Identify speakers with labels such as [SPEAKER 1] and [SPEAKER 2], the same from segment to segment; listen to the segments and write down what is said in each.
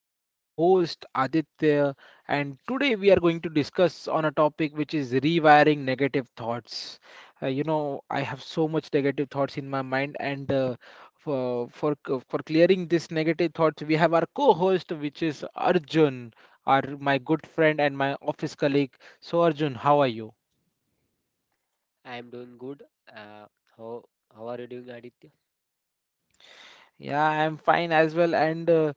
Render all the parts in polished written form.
[SPEAKER 1] your host Aditya. And today we are going to discuss on a topic which is rewiring negative thoughts. I have so much negative thoughts in my mind, and for clearing this negative thoughts, we have our co-host, which is Arjun, our my good friend and my office colleague. So, Arjun, how are you?
[SPEAKER 2] I am doing good. Uh, how how are you doing, Aditya?
[SPEAKER 1] Yeah, I'm fine as well. And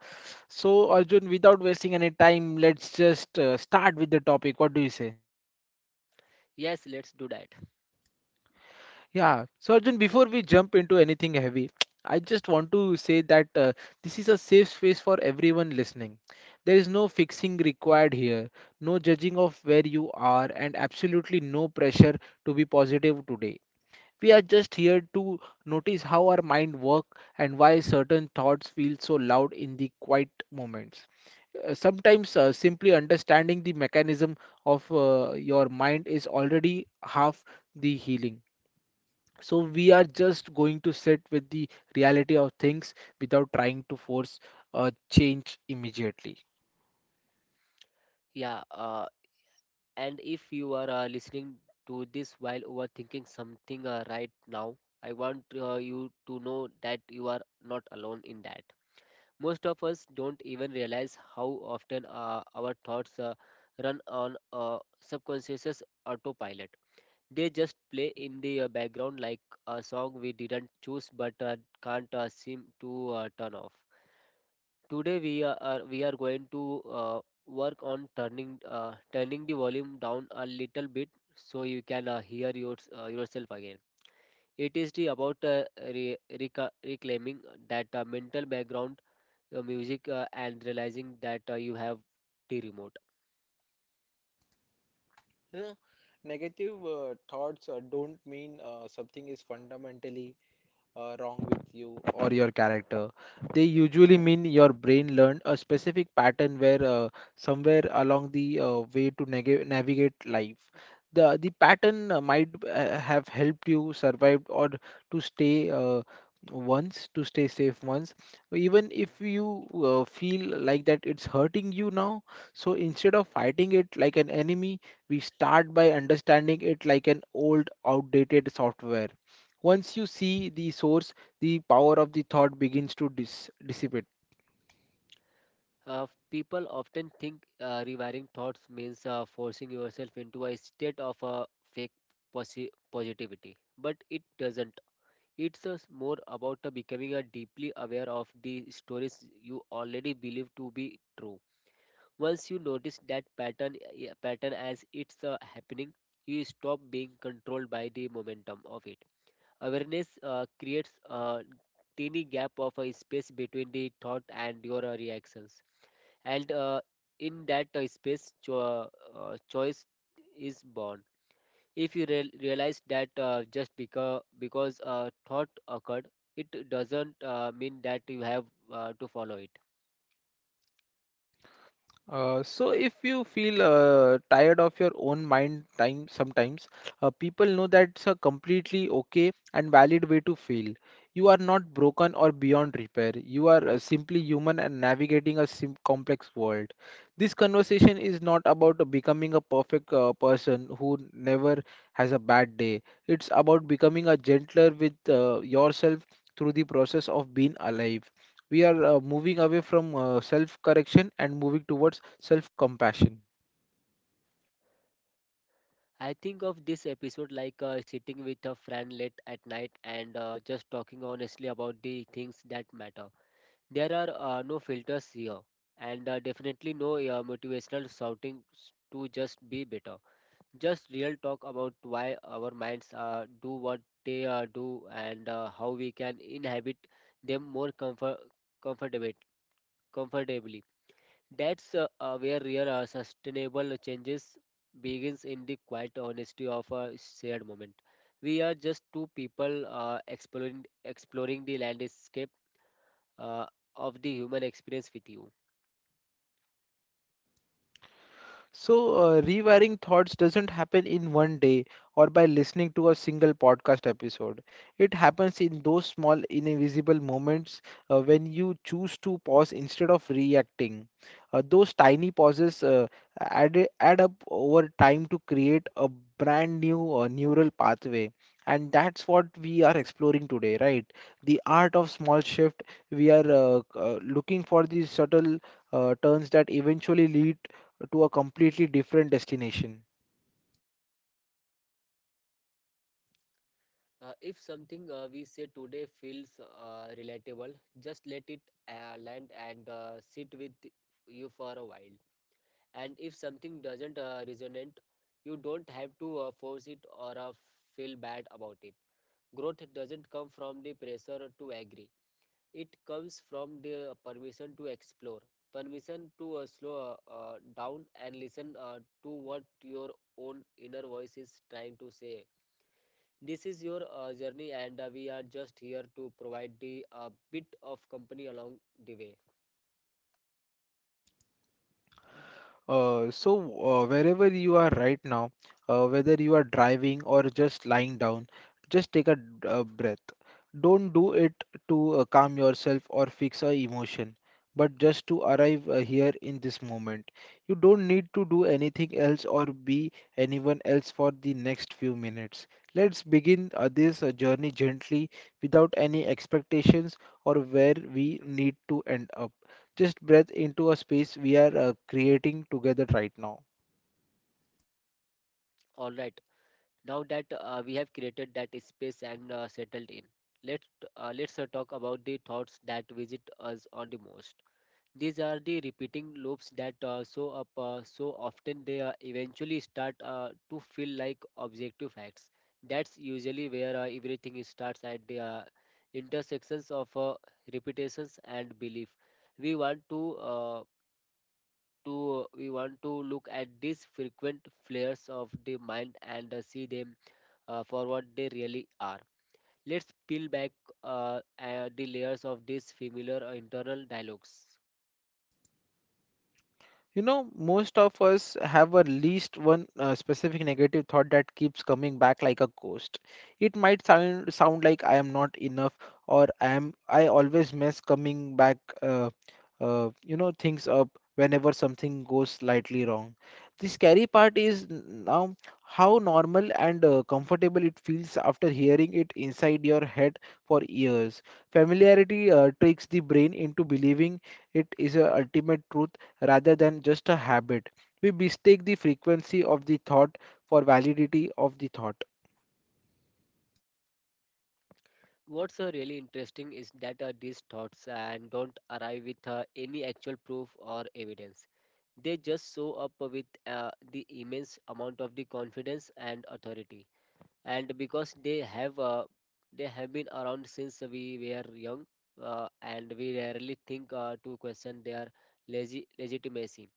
[SPEAKER 1] so, Arjun, without wasting any time, let's just start with the topic. What do you say?
[SPEAKER 2] Yes, let's do that.
[SPEAKER 1] Yeah. So, Arjun, before we jump into anything heavy, I just want to say that this is a safe space for everyone listening. There is no fixing required here, no judging of where you are, and absolutely no pressure to be positive today. We are just here to notice how our mind work and why certain thoughts feel so loud in the quiet moments. Sometimes simply understanding the mechanism of your mind is already half the healing. So we are just going to sit with the reality of things without trying to force a change immediately.
[SPEAKER 2] Yeah. And if you are listening to this while overthinking something right now, I want you to know that you are not alone in that. Most of us don't even realize how often our thoughts run on subconscious autopilot. They just play in the background like a song we didn't choose but can't seem to turn off. Today we are going to uh, work on turning turning the volume down a little bit so you can hear yourself again. It is the about reclaiming that mental background music and realizing that you have the remote.
[SPEAKER 1] Yeah, negative thoughts don't mean something is fundamentally wrong with you or your character. They usually mean your brain learned a specific pattern where somewhere along the way to neg navigate life. The pattern might have helped you survive or to stay once to stay safe once, even if you feel like that it's hurting you now. So instead of fighting it like an enemy, we start by understanding it like an old outdated software. Once you see the source, the power of the thought begins to dissipate.
[SPEAKER 2] Uh, people often think rewiring thoughts means forcing yourself into a state of fake positivity, but it doesn't. It's us more about becoming deeply aware of the stories you already believe to be true. Once you notice that pattern, pattern as it's happening, you stop being controlled by the momentum of it. Awareness creates a tiny gap of a space between the thought and your reactions, and in that space, choice is born. If you realize that just because a thought occurred, it doesn't mean that you have to follow it.
[SPEAKER 1] So if you feel tired of your own mind time sometimes, people know that's a completely okay and valid way to feel. You are not broken or beyond repair, you are simply human and navigating a complex world. This conversation is not about becoming a perfect person who never has a bad day. It's about becoming a gentler with yourself through the process of being alive. We are moving away from self correction and moving towards self compassion.
[SPEAKER 2] I think of this episode like sitting with a friend late at night and just talking honestly about the things that matter. There are no filters here, and definitely no motivational to just be better. Just real talk about why our minds do what they do and how we can inhabit them more comfortable comfortably. That's where real sustainable changes begins in the quiet honesty of a shared moment. We are just two people exploring the landscape uh, of the human experience with you.
[SPEAKER 1] So, rewiring thoughts doesn't happen in one day or by listening to a single podcast episode. It happens in those small, invisible moments when you choose to pause instead of reacting. Those tiny pauses add up over time to create a brand new neural pathway. And that's what we are exploring today, right? The art of small shift. We are looking for these subtle turns that eventually lead to a completely different destination.
[SPEAKER 2] If something we say today feels relatable, just let it land and sit with you for a while. And if something doesn't resonate, you don't have to force it or feel bad about it. Growth doesn't come from the pressure to agree, it comes from the permission to explore, permission to slow down and listen to what your own inner voice is trying to say. This is your journey, and we are just here to provide the bit of company along the way.
[SPEAKER 1] So, wherever you are right now, whether you are driving or just lying down, just take a breath. Don't do it to calm yourself or fix a emotion, but just to arrive here in this moment. You don't need to do anything else or be anyone else for the next few minutes. Let's begin this journey gently without any expectations or where we need to end up. Just breath into a space we are creating together right now.
[SPEAKER 2] All right. Now that we have created that space and settled in, let let's talk about the thoughts that visit us on the most. These are the repeating loops that show up so often they eventually start to feel like objective facts. That's usually where everything starts, at the intersections of repetitions and belief. We want to we want to look at these frequent flares of the mind and see them for what they really are. Let's peel back the layers of these familiar internal dialogues.
[SPEAKER 1] You know, most of us have at least one specific negative thought that keeps coming back like a ghost. It might sound like I am not enough, or I always mess coming back uh, you know things up whenever something goes slightly wrong. The scary part is now how normal and comfortable it feels after hearing it inside your head for years. Familiarity tricks the brain into believing it is a ultimate truth rather than just a habit. We mistake the frequency of the thought for validity of the thought.
[SPEAKER 2] What's really interesting is that these thoughts and don't arrive with any actual proof or evidence. They just show up with the immense amount of the confidence and authority. And because they have been around since we were young, and we rarely think to question their legitimacy.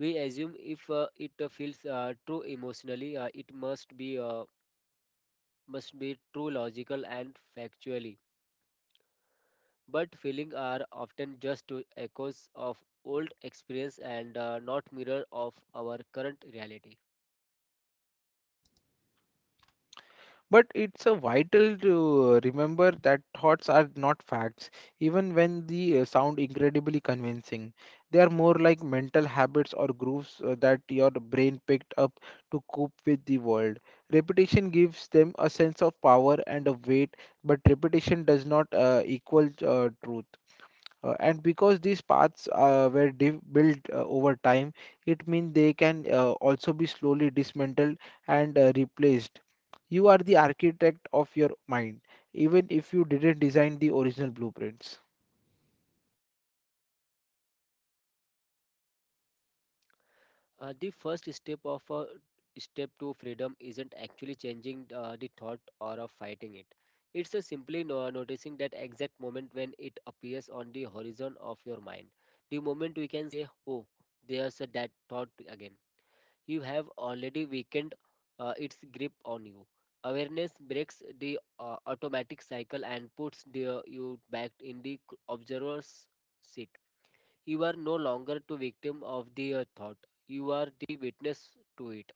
[SPEAKER 2] We assume if it feels true emotionally, it must be true logical and factually, but feelings are often just to echoes of old experience and not mirror of our current reality.
[SPEAKER 1] But it's a vital to remember that thoughts are not facts, even when they sound incredibly convincing. They are more like mental habits or grooves that your brain picked up to cope with the world. Repetition gives them a sense of power and a weight, but repetition does not equal truth. And because these paths were built over time, it means they can also be slowly dismantled and replaced. You are the architect of your mind, even if you didn't design the original blueprints.
[SPEAKER 2] The first step of a step to freedom isn't actually changing the thought or of fighting it. It's a simply noticing that exact moment when it appears on the horizon of your mind. The moment we can say, "Oh, there's a that thought again," you have already weakened its grip on you. Awareness breaks the automatic cycle and puts you back in the observer's seat. You are no longer the victim of the thought, you are the witness to it.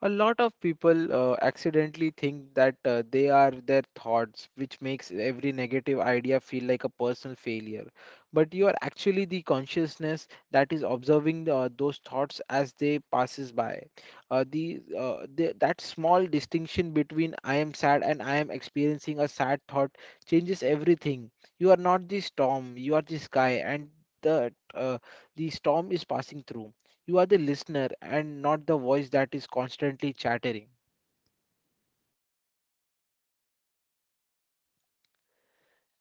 [SPEAKER 1] A lot of people accidentally think that they are their thoughts, which makes every negative idea feel like a personal failure. But you are actually the consciousness that is observing those thoughts as they passes by. The That small distinction between I am sad and I am experiencing a sad thought changes everything. You are not the storm, you are the sky, and the uh, the storm is passing through. You are the listener and not the voice that is constantly chattering.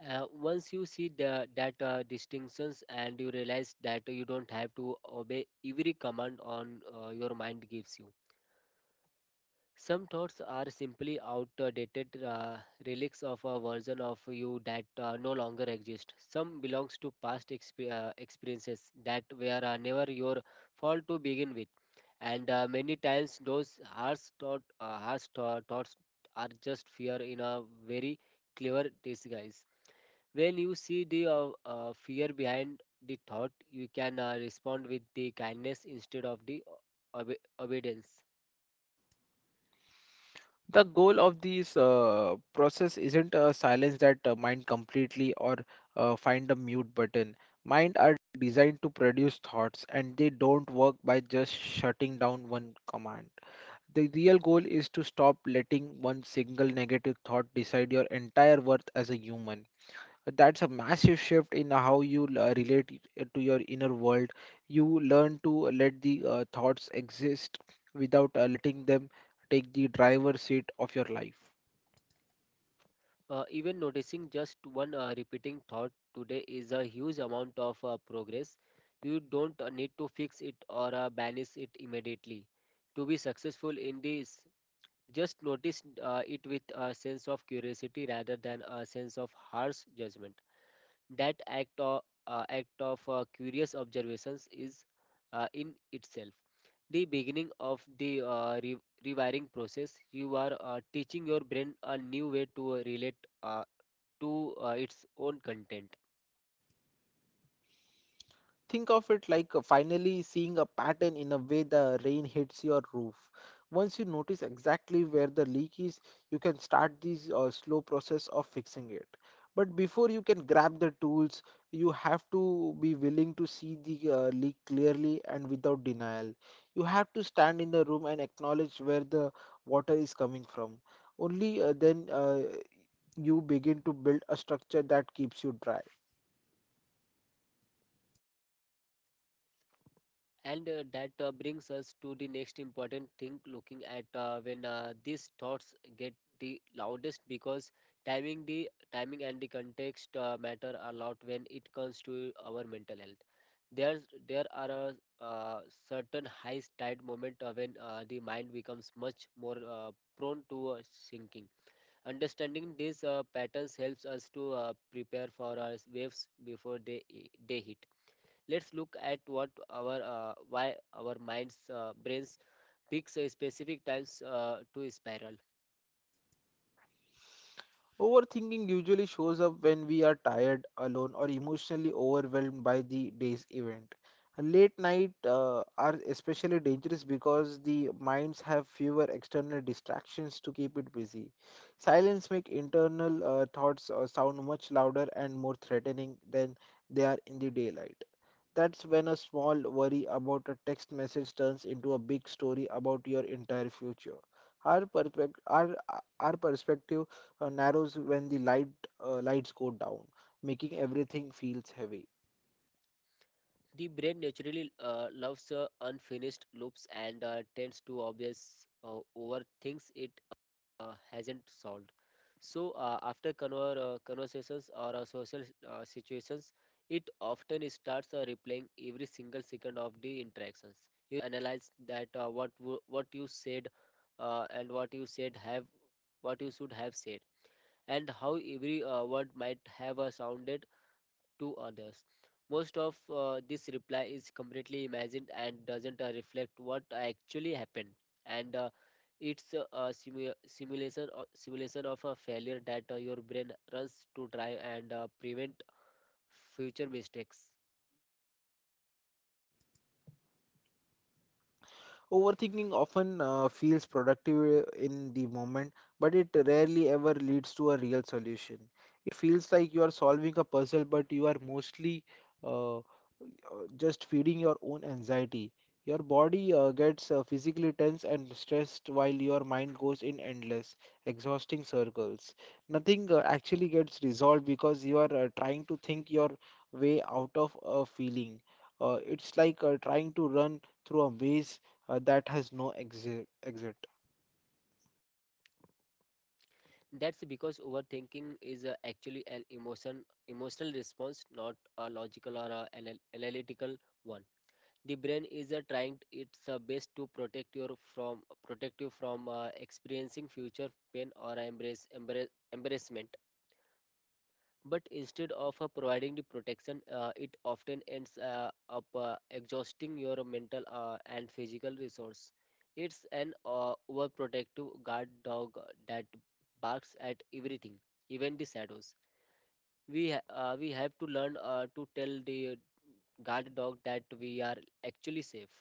[SPEAKER 2] Once you see that distinctions and you realize that you don't have to obey every command on your mind gives you. Some thoughts are simply outdated relics of a version of you that no longer exist. Some belongs to past experiences that were never your fault to begin with, and many times those harsh thought, harsh tho- thoughts are just fear in a very clever disguise. When you see the fear behind the thought, you can respond with the kindness instead of the obedience.
[SPEAKER 1] The goal of this process isn't a silence that mind completely or find a mute button. Mind are designed to produce thoughts and they don't work by just shutting down one command. The real goal is to stop letting one single negative thought decide your entire worth as a human. That's a massive shift in how you relate to your inner world. You learn to let the thoughts exist without letting them take the driver's seat of your life.
[SPEAKER 2] Even noticing just one repeating thought today is a huge amount of progress. You don't need to fix it or banish it immediately. To be successful in this, just notice it with a sense of curiosity rather than a sense of harsh judgment. That act of curious observations is in itself the beginning of the rewiring process. You are teaching your brain a new way to relate uh, to its own content.
[SPEAKER 1] Think of it like finally seeing a pattern in a way the rain hits your roof. Once you notice exactly where the leak is, you can start this slow process of fixing it. But before you can grab the tools, you have to be willing to see the leak clearly and without denial. You have to stand in the room and acknowledge where the water is coming from. Only then you begin to build a structure that keeps you dry.
[SPEAKER 2] And that brings us to the next important thing, looking at when these thoughts get the loudest, because timing and the context matter a lot when it comes to our mental health. There's there are a uh, certain high tide moment when the mind becomes much more prone to sinking. Understanding these patterns helps us to prepare for our waves before they hit. Let's look at what our why our minds brains picks a specific times to spiral.
[SPEAKER 1] Overthinking usually shows up when we are tired, alone, or emotionally overwhelmed by the day's event. Late night are especially dangerous because the minds have fewer external distractions to keep it busy. Silence make internal thoughts sound much louder and more threatening than they are in the daylight. That's when a small worry about a text message turns into a big story about your entire future. Our, perspec- our, our perspective narrows when the lights go down, making everything feels heavy.
[SPEAKER 2] The brain naturally loves unfinished loops and tends to obvious overthinks it hasn't solved. So after conversations or social situations, it often starts replaying every single second of the interactions. You analyze that what you said and what you said have what you should have said and how every word might have sounded to others. Most of this reply is completely imagined and doesn't reflect what actually happened, and it's a simulation simulation of a failure that your brain runs to try and prevent future mistakes.
[SPEAKER 1] Overthinking often feels productive in the moment, but it rarely ever leads to a real solution. It feels like you are solving a puzzle, but you are mostly uh, uh, just feeding your own anxiety. Your body gets physically tense and stressed while your mind goes in endless, exhausting circles. Nothing actually gets resolved because you are trying to think your way out of a feeling. It's like trying to run through a maze that has no exit.
[SPEAKER 2] That's because overthinking is actually an emotional response, not a logical or a analytical one. The brain is trying its best to protect you from experiencing future pain or embrace, embrace embarrassment, but instead of providing the protection, it often ends up exhausting your mental and physical resource. It's an overprotective guard dog that barks at everything, even the shadows. We have to learn to tell the guard dog that we are actually safe.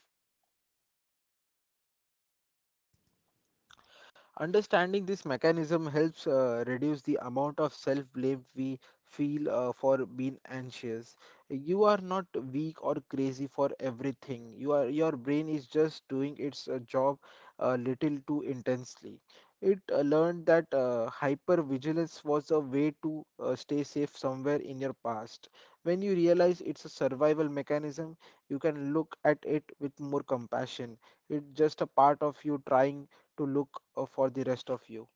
[SPEAKER 1] Understanding this mechanism helps reduce the amount of self blame we feel for being anxious. You are not weak or crazy for everything. Your brain is just doing its job a little too intensely. It learned that hypervigilance was a way to stay safe somewhere in your past. When you realize it's a survival mechanism, you can look at it with more compassion. It's just a part of you trying to look for the rest of you.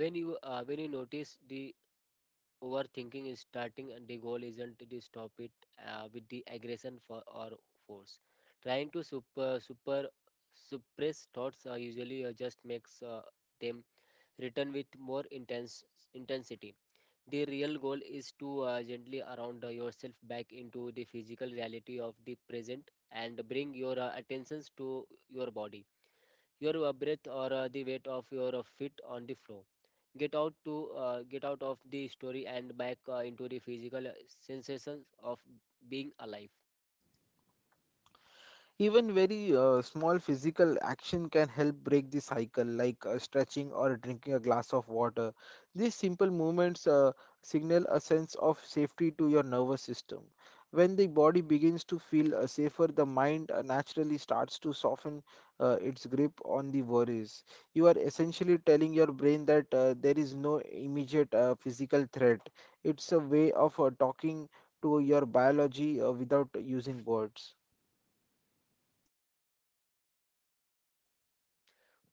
[SPEAKER 2] When you notice the overthinking is starting, and the goal isn't to stop it with the aggression for or force. Trying to super super suppress thoughts usually just makes them return with more intense intensity. The real goal is to gently around yourself back into the physical reality of the present and bring your attentions to your body, your breath, or the weight of your feet on the floor. Get out of the story and back into the physical sensations of being alive.
[SPEAKER 1] Even very small physical action can help break the cycle, like stretching or drinking a glass of water. These simple movements signal a sense of safety to your nervous system. When the body begins to feel safer, the mind naturally starts to soften its grip on the worries. You are essentially telling your brain that there is no immediate physical threat. It's a way of talking to your biology without using words.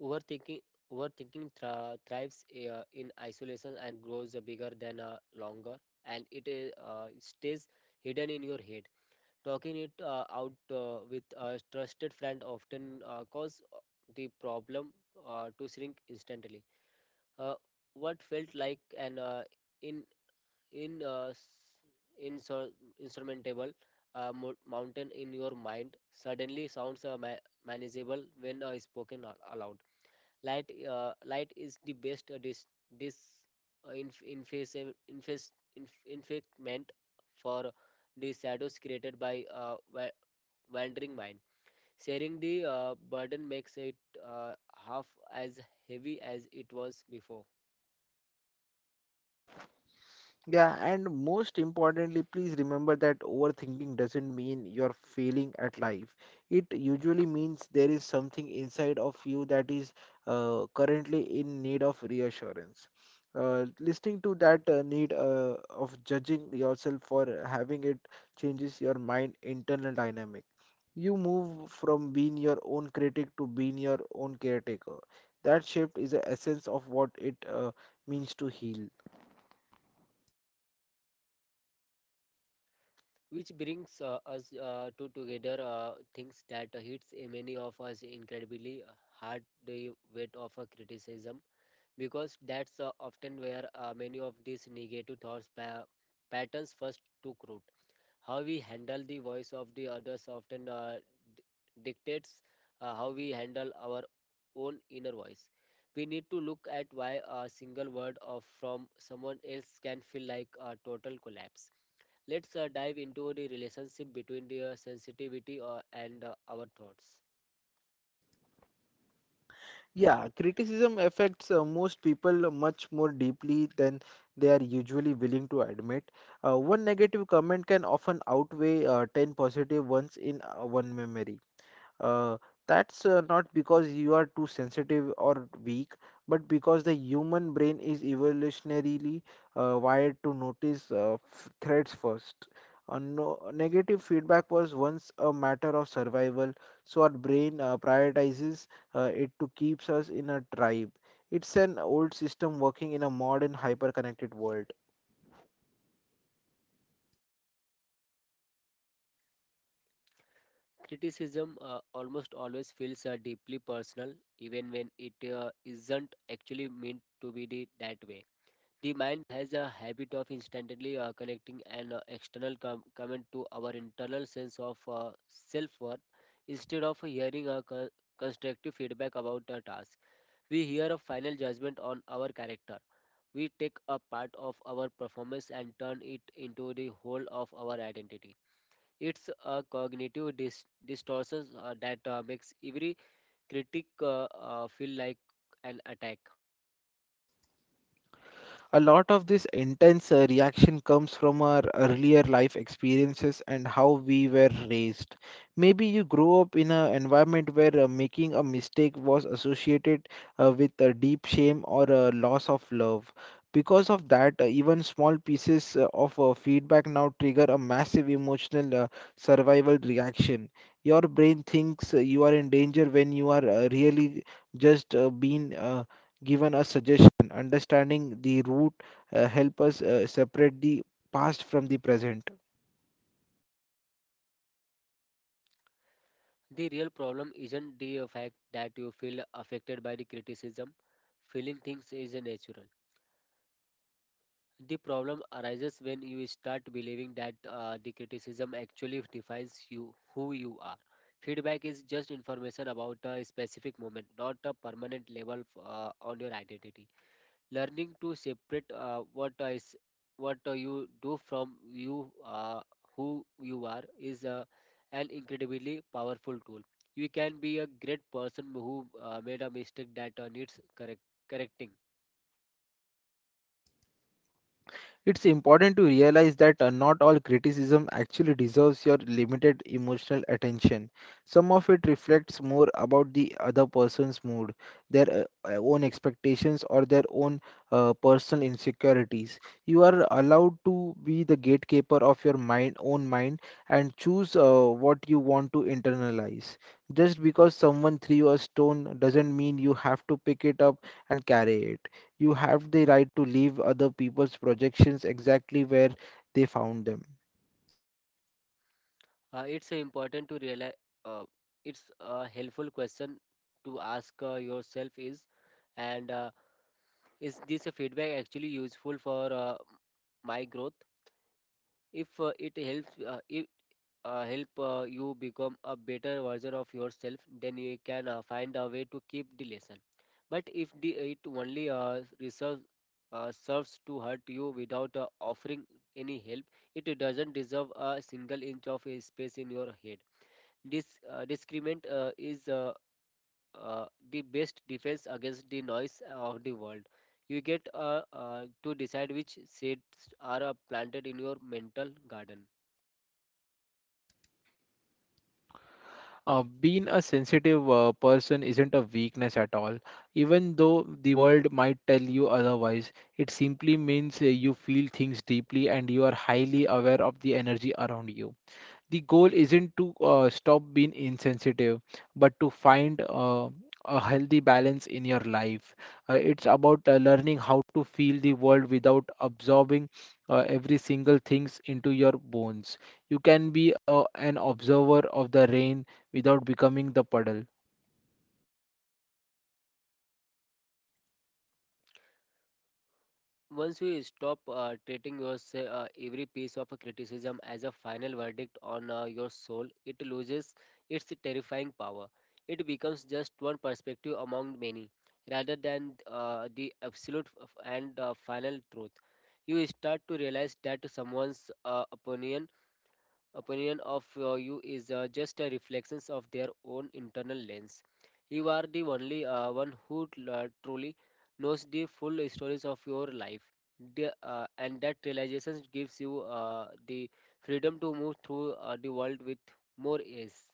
[SPEAKER 2] overthinking Overthinking thrives in isolation and grows bigger than longer and it stays hidden in your head. Talking it out with a trusted friend often cause the problem to shrink instantly. Uh, what felt like an in in uh, s- insur- insurmountable mountain in your mind suddenly sounds manageable when spoken aloud. Light is the best dis- uh, inf- inface- inface- infectment for the shadows created by wandering mind. Sharing the burden makes it uh, half as heavy as it was before.
[SPEAKER 1] Yeah, and most importantly, please remember that overthinking doesn't mean you're failing at life. It usually means there is something inside of you that is currently in need of reassurance. Listening to that need of judging yourself for having it changes your mind internal dynamic. You move from being your own critic to being your own caretaker. That shift is the essence of what it means to heal.
[SPEAKER 2] Which brings us to together things that hits many of us incredibly hard, the weight of a criticism, because that's often where many of these negative patterns first took root. How we handle the voice of the others often d- dictates how we handle our own inner voice. We need to look at why a single word of from someone else can feel like a total collapse. Let's dive into the relationship between the sensitivity and our thoughts.
[SPEAKER 1] Yeah, criticism affects most people much more deeply than they are usually willing to admit. One negative comment can often outweigh 10 positive ones in one memory. Uh, that's not because you are too sensitive or weak, but because the human brain is evolutionarily wired to notice threats first. No, negative feedback was once a matter of survival, so our brain prioritizes it to keeps us in a tribe. It's an old system working in a modern hyper-connected world.
[SPEAKER 2] Criticism almost always feels deeply personal, even when it isn't actually meant to be that way. The mind has a habit of instantly connecting an external comment to our internal sense of self worth, instead of hearing a constructive feedback about a task. We hear a final judgment on our character. We take a part of our performance and turn it into the whole of our identity. It's a cognitive distortion that makes every critic feel like an attack.
[SPEAKER 1] A lot of this intense reaction comes from our earlier life experiences and how we were raised. Maybe you grew up in an environment where making a mistake was associated with a deep shame or a loss of love. Because of that, even small pieces of feedback now trigger a massive emotional, survival reaction. Your brain thinks you are in danger when you are really just being given us suggestion. Understanding the root help us separate the past from the present.
[SPEAKER 2] The real problem isn't the fact that you feel affected by the criticism. Feeling things is natural. The problem arises when you start believing that the criticism actually defines you, who you are. Feedback is just information about a specific moment, not a permanent label on your identity. Learning to separate what is what you do from you who you are is an incredibly powerful tool. You can be a great person who made a mistake that needs correcting.
[SPEAKER 1] It's important to realize that not all criticism actually deserves your limited emotional attention. Some of it reflects more about the other person's mood, their own expectations, or their own personal insecurities. You are allowed to be the gatekeeper of your mind, own mind, and choose what you want to internalize. Just because someone threw a stone doesn't mean you have to pick it up and carry it. You have the right to leave other people's projections exactly where they found them.
[SPEAKER 2] It's important to realize uh, it's a helpful question to ask yourself is, and is this feedback actually useful for my growth? If it helps, if help you become a better version of yourself, then you can find a way to keep the lesson. But if the it only serves to hurt you without offering any help, it doesn't deserve a single inch of a space in your head. This discriminant is uh, the best defense against the noise of the world. You get to decide which seeds are planted in your mental garden.
[SPEAKER 1] Being a sensitive person isn't a weakness at all. Even though the world might tell you otherwise, it simply means you feel things deeply and you are highly aware of the energy around you. The goal isn't to stop being insensitive but to find a healthy balance in your life. It's about learning how to feel the world without absorbing every single things into your bones. You can be an observer of the rain without becoming the puddle.
[SPEAKER 2] Once you stop treating every piece of criticism as a final verdict on your soul, it loses its terrifying power. It becomes just one perspective among many, rather than the absolute f- and final truth. You start to realize that someone's opinion of you is just a reflections of their own internal lens. You are the only one who truly knows the full stories of your life. And that realization gives you the freedom to move through the world with more ease.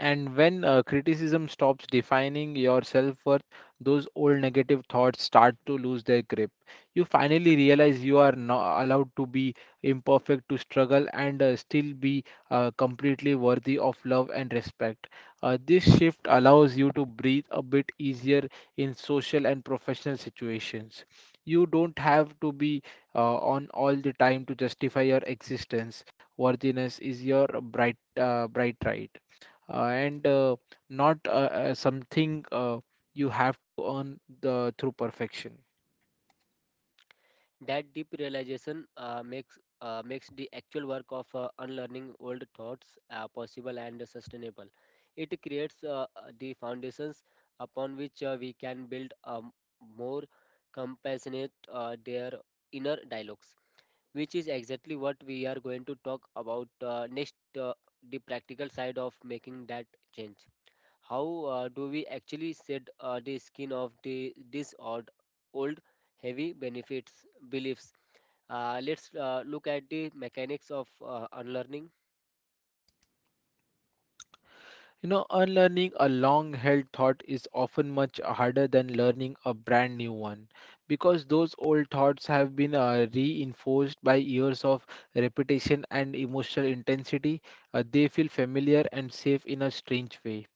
[SPEAKER 1] And when criticism stops defining your self worth, those old negative thoughts start to lose their grip. You finally realize you are not allowed to be imperfect, to struggle, and still be completely worthy of love and respect. This shift allows you to breathe a bit easier in social and professional situations. You don't have to be on all the time to justify your existence. Worthiness is your bright right and not something you have to earn the through perfection.
[SPEAKER 2] That deep realization makes the actual work of unlearning old thoughts possible and sustainable. It creates the foundations upon which we can build a more compassionate their inner dialogues, which is exactly what we are going to talk about next, uh, the practical side of making that change. How do we actually shed the skin of the this odd old heavy benefits beliefs? Let's look at the mechanics of unlearning.
[SPEAKER 1] Unlearning a long held thought is often much harder than learning a brand new one because those old thoughts have been reinforced by years of repetition and emotional intensity. They feel familiar and safe in a strange way.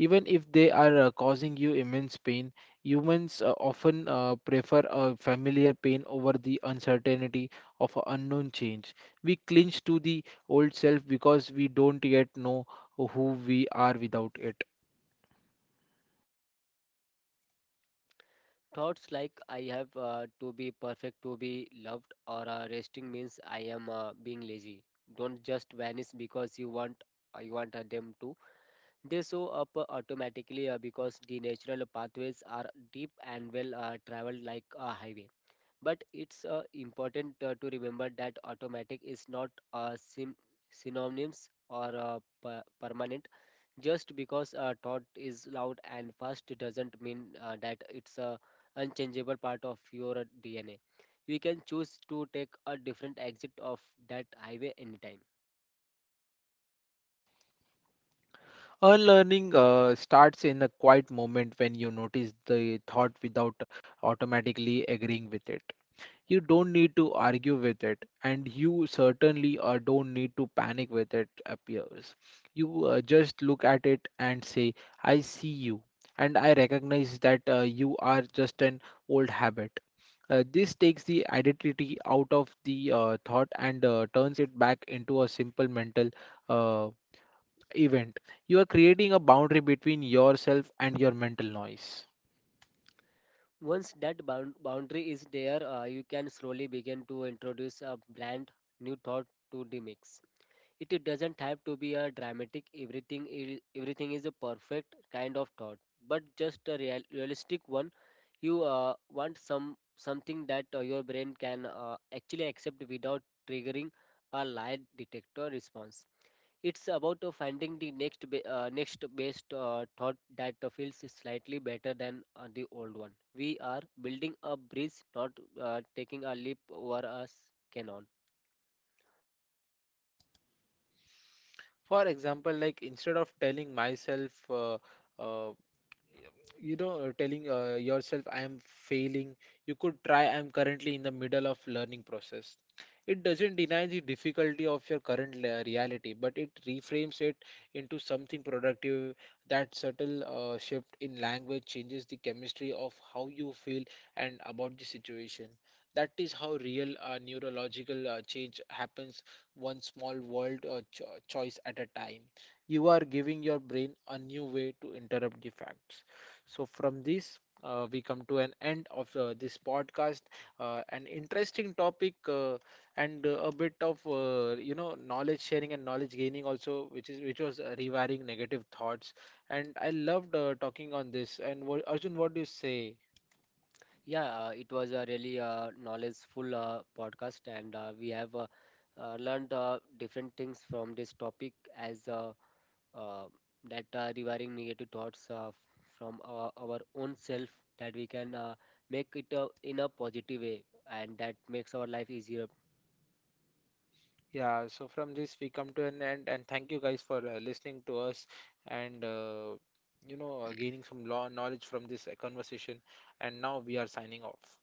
[SPEAKER 1] Even if they are causing you immense pain, humans often prefer a familiar pain over the uncertainty of an unknown change. We cling to the old self because we don't yet know who we are without it.
[SPEAKER 2] Thoughts like I have to be perfect to be loved, or resting means I am being lazy, don't just vanish because you want them to. They show up automatically because the natural pathways are deep and well traveled like a highway. But it's important to remember that automatic is not synonyms or permanent. Just because a thought is loud and fast doesn't mean that it's a unchangeable part of your DNA. You can choose to take a different exit of that highway anytime.
[SPEAKER 1] Unlearning starts in a quiet moment when you notice the thought without automatically agreeing with it. You don't need to argue with it, and you certainly don't need to panic with it appears. You just look at it and say, I see you, and I recognize that you are just an old habit. This takes the identity out of the thought and turns it back into a simple mental uh, event. You are creating a boundary between yourself and your mental noise.
[SPEAKER 2] Once that boundary is there, you can slowly begin to introduce a bland new thought to the mix. It doesn't have to be a dramatic everything is a perfect kind of thought, but just a realistic one. You want something that your brain can actually accept without triggering a lie detector response. It's about finding the next best thought that feels slightly better than the old one. We are building a bridge, not taking a leap over a canal.
[SPEAKER 1] For example, like, instead of telling myself uh, telling yourself I am failing, you could try, I am currently in the middle of learning process. It doesn't deny the difficulty of your current reality, but it reframes it into something productive. That subtle shift in language changes the chemistry of how you feel and about the situation. That is how real neurological change happens, one small world choice at a time. You are giving your brain a new way to interrupt the facts. So, from this, we come to an end of this podcast. An interesting topic, and a bit of knowledge sharing and knowledge gaining also, which was rewiring negative thoughts. And I loved talking on this. And what, Arjun, what do you say?
[SPEAKER 2] Yeah, it was a really knowledgeful podcast, and we have learned different things from this topic, as uh, that rewiring negative thoughts from our own self, that we can make it in a positive way, and that makes our life easier.
[SPEAKER 1] Yeah, so from this we come to an end, and thank you guys for listening to us and gaining some law knowledge from this conversation. And now we are signing off.